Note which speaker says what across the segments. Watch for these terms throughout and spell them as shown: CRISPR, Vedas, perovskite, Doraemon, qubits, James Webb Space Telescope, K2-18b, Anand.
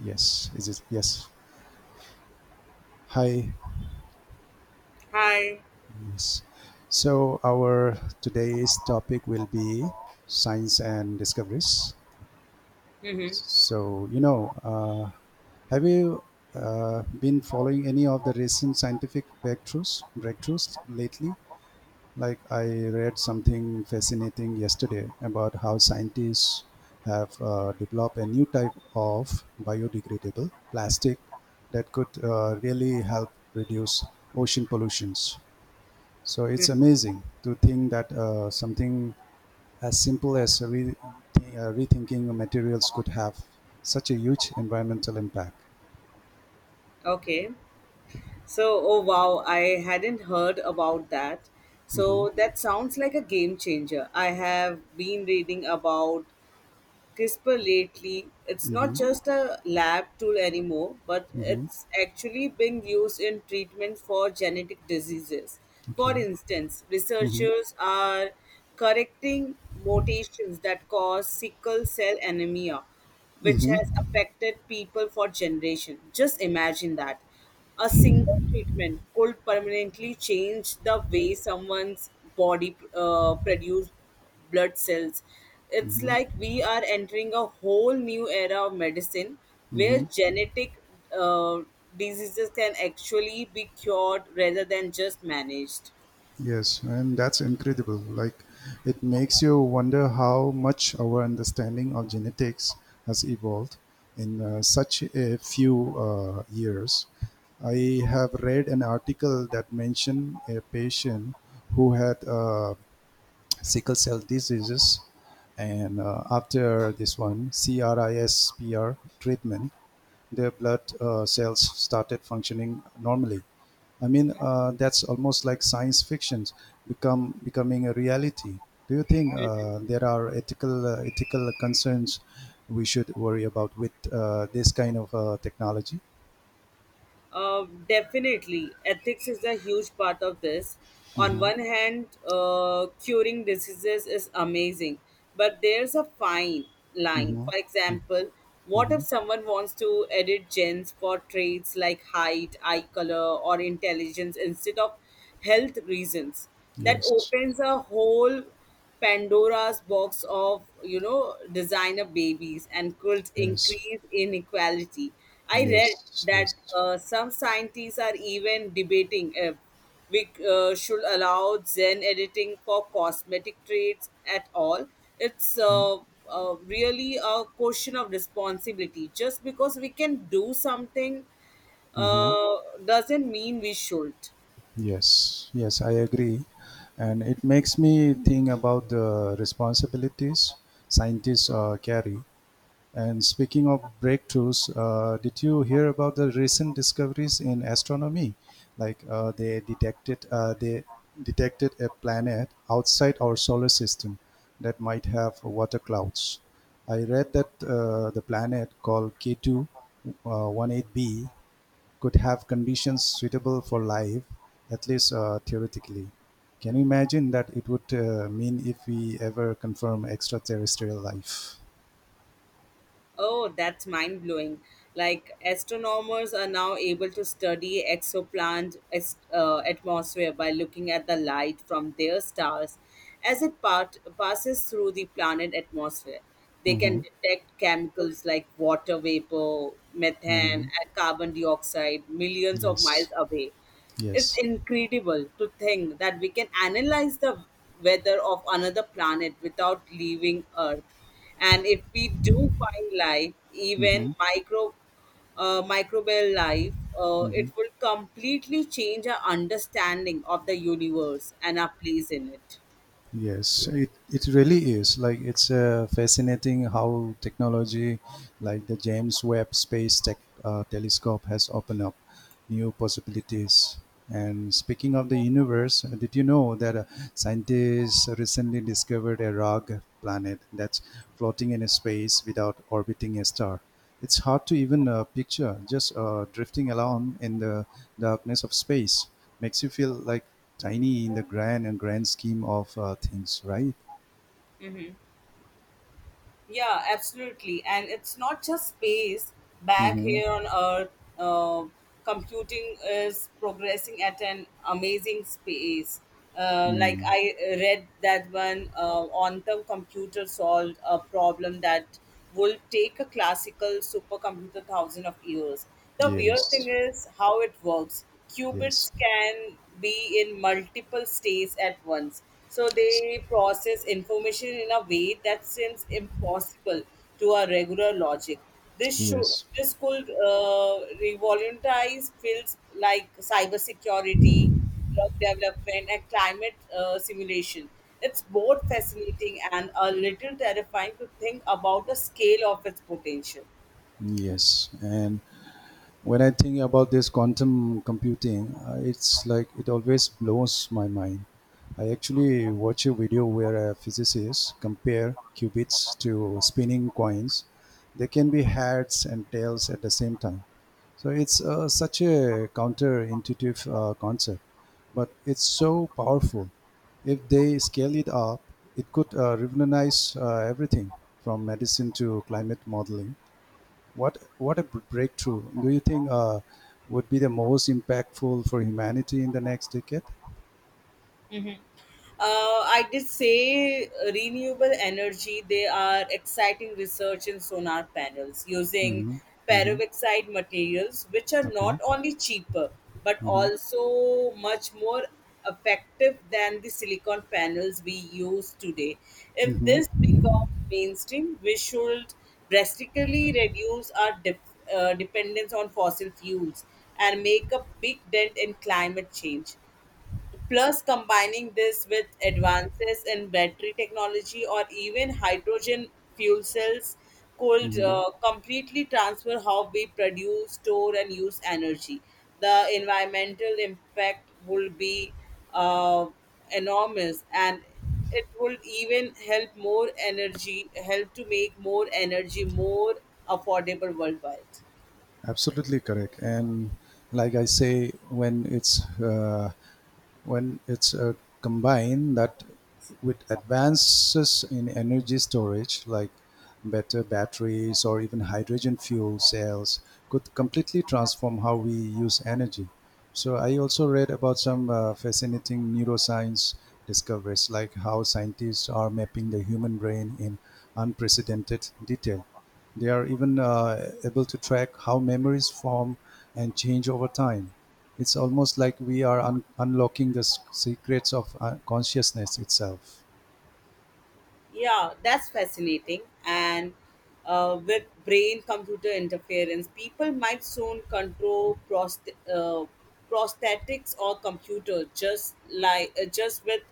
Speaker 1: Yes, is it? Yes. Hi.
Speaker 2: Hi.
Speaker 1: Yes. So our today's topic will be science and discoveries.
Speaker 2: Mm-hmm.
Speaker 1: So you know, uh, have you been following any of the recent scientific breakthroughs lately? Like I read something fascinating yesterday about how scientists have developed a new type of biodegradable plastic that could really help reduce ocean pollutions. So it's amazing to think that something as simple as rethinking materials could have such a huge environmental impact.
Speaker 2: Okay. So, oh wow, I hadn't heard about that.
Speaker 1: Mm-hmm,
Speaker 2: So, that sounds like a game changer. I have been reading about CRISPR lately. It's not
Speaker 1: mm-hmm,
Speaker 2: just a lab tool anymore, but
Speaker 1: mm-hmm.
Speaker 2: it's actually being used in treatment for genetic diseases. For
Speaker 1: Okay.
Speaker 2: instance,
Speaker 1: Mm-hmm,
Speaker 2: researchers are correcting mutations that cause sickle cell anemia, which has affected people for generations. Just imagine that. A single treatment could permanently change the way someone's body produce blood cells. It's like we are entering a whole new era of medicine where
Speaker 1: mm-hmm.
Speaker 2: genetic uh, diseases can actually be cured rather than just managed.
Speaker 1: Yes, and that's incredible. Like, it makes you wonder how much our understanding of genetics has evolved in such a few years. I have read an article that mentioned a patient who had sickle cell diseases, and after this one, CRISPR treatment, their blood cells started functioning normally. I mean, that's almost like science fiction become becoming a reality. Do you think there are ethical concerns we should worry about with this kind of technology?
Speaker 2: Definitely, ethics is a huge part of this. On
Speaker 1: Mm-hmm.
Speaker 2: one hand, curing diseases is amazing, but there's a fine line.
Speaker 1: Mm-hmm.
Speaker 2: For example, what if
Speaker 1: Mm-hmm.
Speaker 2: someone wants to edit genes for traits like height, eye color, or intelligence instead of health reasons? That
Speaker 1: Yes.
Speaker 2: opens a whole Pandora's box of designer babies and could
Speaker 1: Yes.
Speaker 2: increase inequality. I read
Speaker 1: Yes.
Speaker 2: that
Speaker 1: Yes.
Speaker 2: some scientists are even debating if we should allow gen editing for cosmetic traits at all. It's really a question of responsibility. Just because we can do something
Speaker 1: Mm-hmm.
Speaker 2: uh, doesn't mean we should.
Speaker 1: Yes. Yes, I agree, and it makes me think about the responsibilities scientists carry. And speaking of breakthroughs, did you hear about the recent discoveries in astronomy? Like they detected a planet outside our solar system that might have water clouds. I read that the planet called k two 18 b could have conditions suitable for life, at least theoretically. Can you imagine that it would mean if we ever confirm extraterrestrial life?
Speaker 2: Oh, that's mind blowing. Like, astronomers are now able to study atmosphere by looking at the light from their stars as it passes through the planet atmosphere. They can
Speaker 1: Mhm.
Speaker 2: detect chemicals like water vapor, methane,
Speaker 1: Hmm.
Speaker 2: and carbon dioxide millions of miles
Speaker 1: Yes.
Speaker 2: away. It's
Speaker 1: Yes.
Speaker 2: incredible to think that we can analyze the weather of another planet without leaving Earth. And if we do find life, even
Speaker 1: Hmm.
Speaker 2: microbial life,
Speaker 1: Hmm.
Speaker 2: it will completely change our understanding of the universe and our place in it.
Speaker 1: Yes. So it really is. Like it's fascinating how technology, like the James Webb Space Tech Telescope, has opened up new possibilities. And speaking of the universe, did you know that scientists recently discovered a rogue planet that's floating in space without orbiting a star? It's hard to even picture. Just drifting along in the darkness of space makes you feel like tiny in the grand scheme of things, right?
Speaker 2: Mhm. Yeah, absolutely. And it's not just space. Back
Speaker 1: Mm-hmm.
Speaker 2: here on Earth, uh, computing is progressing at an amazing space. Like
Speaker 1: Mm.
Speaker 2: I read that one quantum computer solved a problem that will take a classical supercomputer thousand of years. The weird thing
Speaker 1: Yes,
Speaker 2: is how it works.
Speaker 1: yes,
Speaker 2: Qubits can be in multiple states at once. So they process information in a way that seems impossible to our regular logic. This should
Speaker 1: yes,
Speaker 2: this could uh, revolutionize fields like cybersecurity, drug development, and climate simulation. It's both fascinating and a little terrifying to think about the scale of its potential.
Speaker 1: yes. And when I think about this quantum computing, it's like it always blows my mind. I actually watch a video where a physicist compare qubits to spinning coins. They can be heads and tails at the same time. So it's such a counterintuitive concept, but it's so powerful. If they scale it up, it could revolutionize everything from medicine to climate modeling. What a breakthrough! Do you think would be the most impactful for humanity in the next decade?
Speaker 2: I did say renewable energy. They are exciting research in solar panels using
Speaker 1: Mm-hmm. Mm-hmm.
Speaker 2: perovskite materials, which are not
Speaker 1: Okay.
Speaker 2: only cheaper but
Speaker 1: Mm-hmm.
Speaker 2: also much more effective than the silicon panels we use today. If this
Speaker 1: Mm-hmm.
Speaker 2: becomes mainstream, we should drastically reduce our dependence on fossil fuels and make a big dent in climate change. Plus, combining this with advances in battery technology or even hydrogen fuel cells could
Speaker 1: Mm-hmm.
Speaker 2: completely transfer how we produce, store, and use energy. The environmental impact would be uh, enormous, and it will even help more energy, help to make more energy more affordable worldwide.
Speaker 1: Absolutely correct. And like I say, when it's combined that with advances in energy storage like better batteries or even hydrogen fuel cells could completely transform how we use energy. So I also read about some fascinating neuroscience discoveries, like how scientists are mapping the human brain in unprecedented detail. They are even able to track how memories form and change over time. It's almost like we are unlocking the secrets of consciousness itself.
Speaker 2: Yeah, that's fascinating. And with brain computer interference, people might soon control prosthetics or computers just with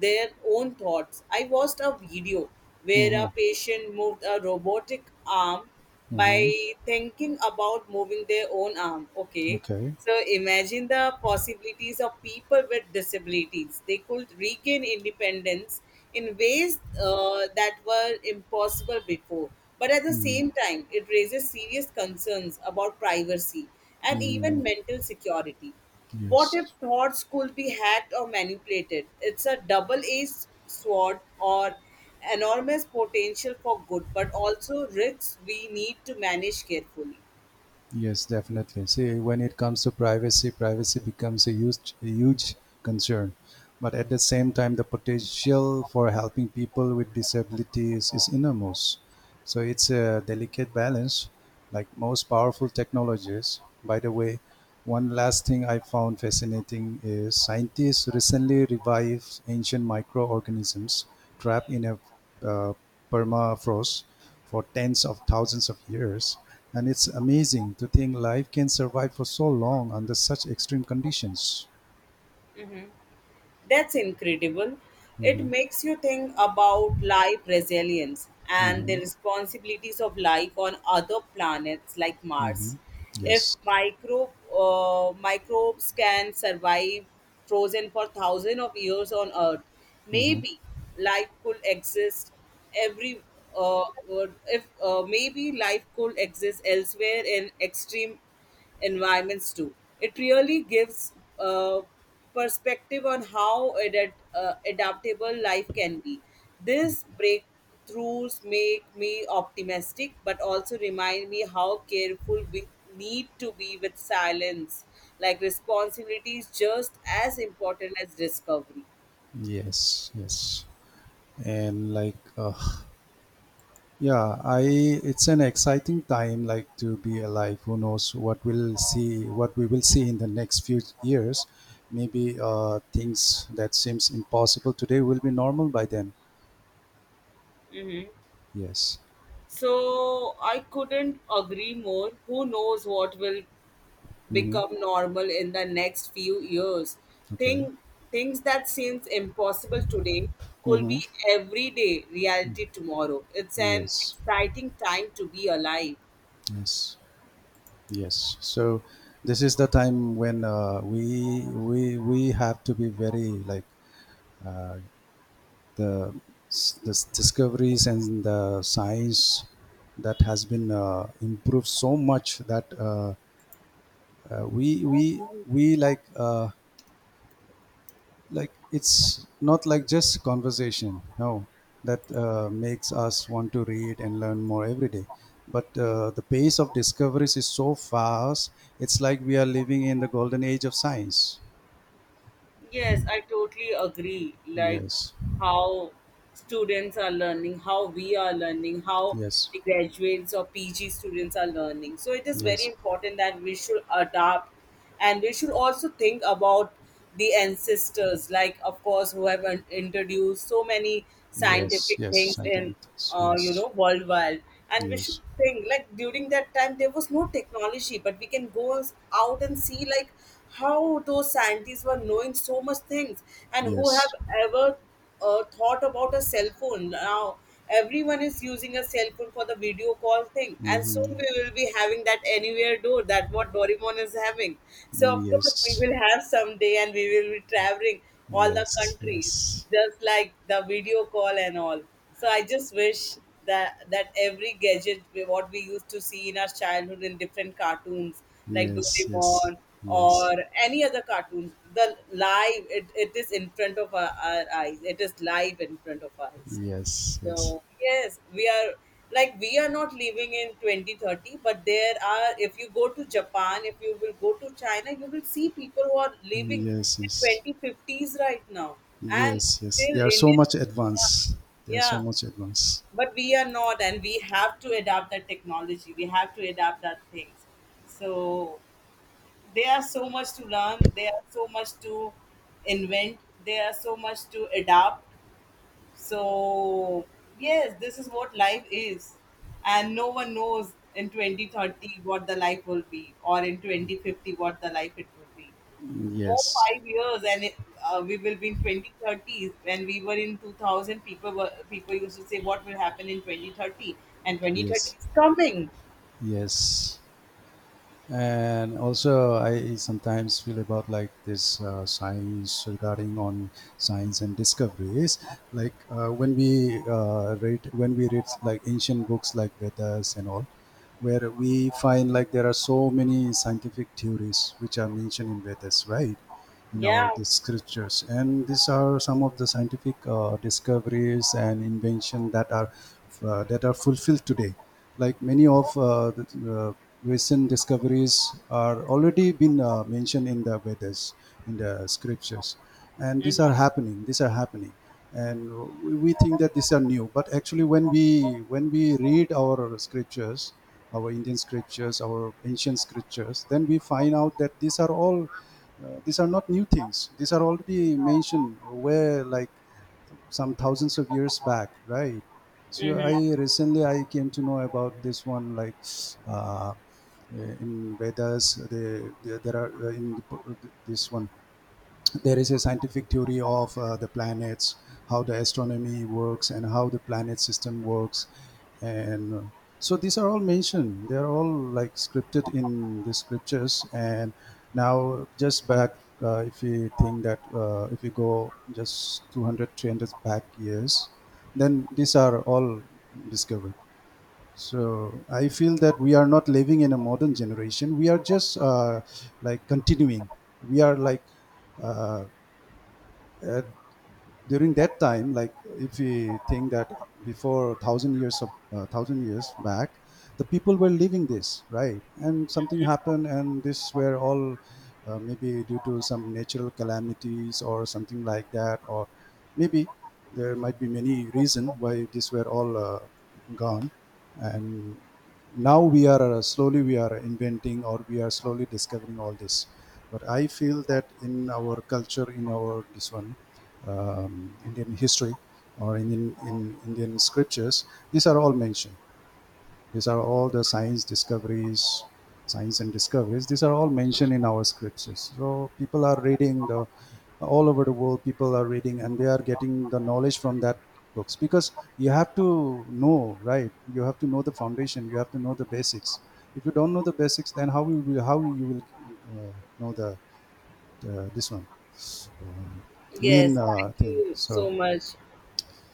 Speaker 2: their own thoughts. I watched a video where
Speaker 1: Mm-hmm.
Speaker 2: a patient moved a robotic arm
Speaker 1: Mm-hmm.
Speaker 2: by thinking about moving their own arm. Okay.
Speaker 1: Okay.
Speaker 2: So imagine the possibilities of people with disabilities. They could regain independence in ways that were impossible before. But at the same time, it raises serious concerns about privacy and
Speaker 1: Mm-hmm.
Speaker 2: even mental security. What if
Speaker 1: Yes.
Speaker 2: thoughts could be hacked or manipulated? It's a double edged sword or enormous potential for good, but also risks we need to manage carefully.
Speaker 1: Yes, definitely. See, when it comes to privacy, privacy becomes a huge concern. But at the same time, the potential for helping people with disabilities is enormous. So it's a delicate balance, like most powerful technologies. By the way, one last thing I found fascinating is scientists recently revived ancient microorganisms trapped in a uh, permafrost for tens of thousands of years. And it's amazing to think life can survive for so long under such extreme conditions.
Speaker 2: That's incredible. It
Speaker 1: Hmm.
Speaker 2: makes you think about life resilience and the
Speaker 1: Hmm.
Speaker 2: responsibilities of life on other planets like Mars.
Speaker 1: Hmm.
Speaker 2: If
Speaker 1: Yes.
Speaker 2: microbes can survive frozen for thousands of years on Earth,
Speaker 1: Hmm.
Speaker 2: maybe life could exist every. Uh, if Maybe life could exist elsewhere in extreme environments too. It really gives a perspective on how adaptable life can be. These breakthroughs make me optimistic, but also remind me how careful we need to be with silence. Like responsibility is just as important as discovery.
Speaker 1: Yes. Yes. And like, yeah, I. It's an exciting time, like to be alive. Who knows what we will see in the next few years. Maybe things that seems impossible today will be normal by then.
Speaker 2: hmm
Speaker 1: Yes.
Speaker 2: So I couldn't agree more. Who knows what will
Speaker 1: Hmm.
Speaker 2: become normal in the next few years.
Speaker 1: Okay.
Speaker 2: Thing, Things that seems impossible today could
Speaker 1: Mm-hmm.
Speaker 2: be everyday reality tomorrow. It's an
Speaker 1: Yes,
Speaker 2: exciting time to be alive.
Speaker 1: yes, yes. So this is the time when we have to be very like uh, the discoveries and the science that has been improved so much that we like. Like it's not like just conversation, no, that makes us want to read and learn more every day, but the pace of discoveries is so fast. It's like we are living in the golden age of science.
Speaker 2: Yes, I totally agree. Like
Speaker 1: Yes,
Speaker 2: how students are learning, how we are learning, how
Speaker 1: yes,
Speaker 2: the graduates or PG students are learning. So it is very
Speaker 1: yes,
Speaker 2: important that we should adapt, and we should also think about the ancestors, like, of course, who have introduced so many
Speaker 1: yes,
Speaker 2: scientific
Speaker 1: yes,
Speaker 2: things in
Speaker 1: scientific things. Yes,
Speaker 2: worldwide. And we should
Speaker 1: yes, mm-hmm,
Speaker 2: think like during that time there was no technology, but we can go out and see like how those scientists were knowing so much things, and who have
Speaker 1: yes,
Speaker 2: ever thought about a cell phone. Now everyone is using a cell phone for the video call thing, and soon
Speaker 1: hmm,
Speaker 2: we will be having that anywhere door that what Doraemon is having. So of course we
Speaker 1: yes,
Speaker 2: will have someday, and we will be traveling all the
Speaker 1: yes,
Speaker 2: countries
Speaker 1: yes,
Speaker 2: just like the video call and all. So I just wish that every gadget what we used to see in our childhood in different cartoons like
Speaker 1: yes, yes,
Speaker 2: Doraemon
Speaker 1: yes,
Speaker 2: or
Speaker 1: yes,
Speaker 2: any other cartoons, the live it, it is in front of our eyes. It is live in front of our eyes.
Speaker 1: yes,
Speaker 2: So yes, we are like we are not living in 2030, but there are if you go to Japan, if you will go to China, you will see people who are living
Speaker 1: yes,
Speaker 2: in
Speaker 1: yes.
Speaker 2: 2050s right now. And
Speaker 1: Yes, yes.
Speaker 2: still
Speaker 1: They are so
Speaker 2: Indian.
Speaker 1: much advanced.
Speaker 2: Yeah,
Speaker 1: They are so
Speaker 2: yeah.
Speaker 1: much advanced.
Speaker 2: But we are not, and we have to adapt that technology. We have to adapt that things. So there are so much to learn, there are so much to invent, there are so much to adapt, so, yes, this is what life is. And no one knows in 2030 what the life will be or in 2050 what the life it will be. More
Speaker 1: Yes,
Speaker 2: 5 years and we will be in 2030s. When we were in 2000, people used to say what will happen in 2030, and 2030
Speaker 1: yes,
Speaker 2: is coming.
Speaker 1: yes. And also, I sometimes feel about like this science regarding on science and discoveries, like when we read like ancient books like vedas and all, where we find like there are so many scientific theories which are mentioned in vedas, right, in our
Speaker 2: Yeah.
Speaker 1: the scriptures, and these are some of the scientific discoveries and invention that are fulfilled today. Like many of the recent discoveries are already been mentioned in the Vedas, in the scriptures, and these are happening. These are happening, and we think that these are new. But actually, when we read our scriptures, our Indian scriptures, our ancient scriptures, then we find out that these are all these are not new things. These are already mentioned where, like, some thousands of years back, right? So
Speaker 2: Mm-hmm.
Speaker 1: I recently I came to know about this one, like uh, in Vedas they, there are in this one there is a scientific theory of the planets, how the astronomy works, and how the planet system works, and so these are all mentioned. They are all like scripted in the scriptures. And now, just back, if you think that if you go just 200, 300 back years, then these are all discovered. So I feel that we are not living in a modern generation. We are just like continuing. We are like uh, uh, during that time, like if we think that before thousand years of thousand years back, the people were living this, right, and something happened, and this were all maybe due to some natural calamities or something like that, or maybe there might be many reason why this were all gone, and now we are slowly we are inventing or we are slowly discovering all this. But I feel that in our culture, in our this one, Indian history, or Indian scriptures, these are all mentioned. These are all the science discoveries, science and discoveries. These are all mentioned in our scriptures. So people are reading the all over the world. People are reading and they are getting the knowledge from that books, because you have to know, right. You have to know the foundation. You have to know the basics. If you don't know the basics, then how you will uh, know the this one uh,
Speaker 2: Yes,
Speaker 1: main
Speaker 2: thank
Speaker 1: thing?
Speaker 2: you so
Speaker 1: So
Speaker 2: much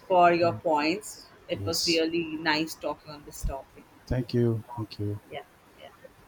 Speaker 2: for your points. It was
Speaker 1: yes.
Speaker 2: really nice talking on this topic.
Speaker 1: Thank you. Thank you.
Speaker 2: Yeah. Yeah.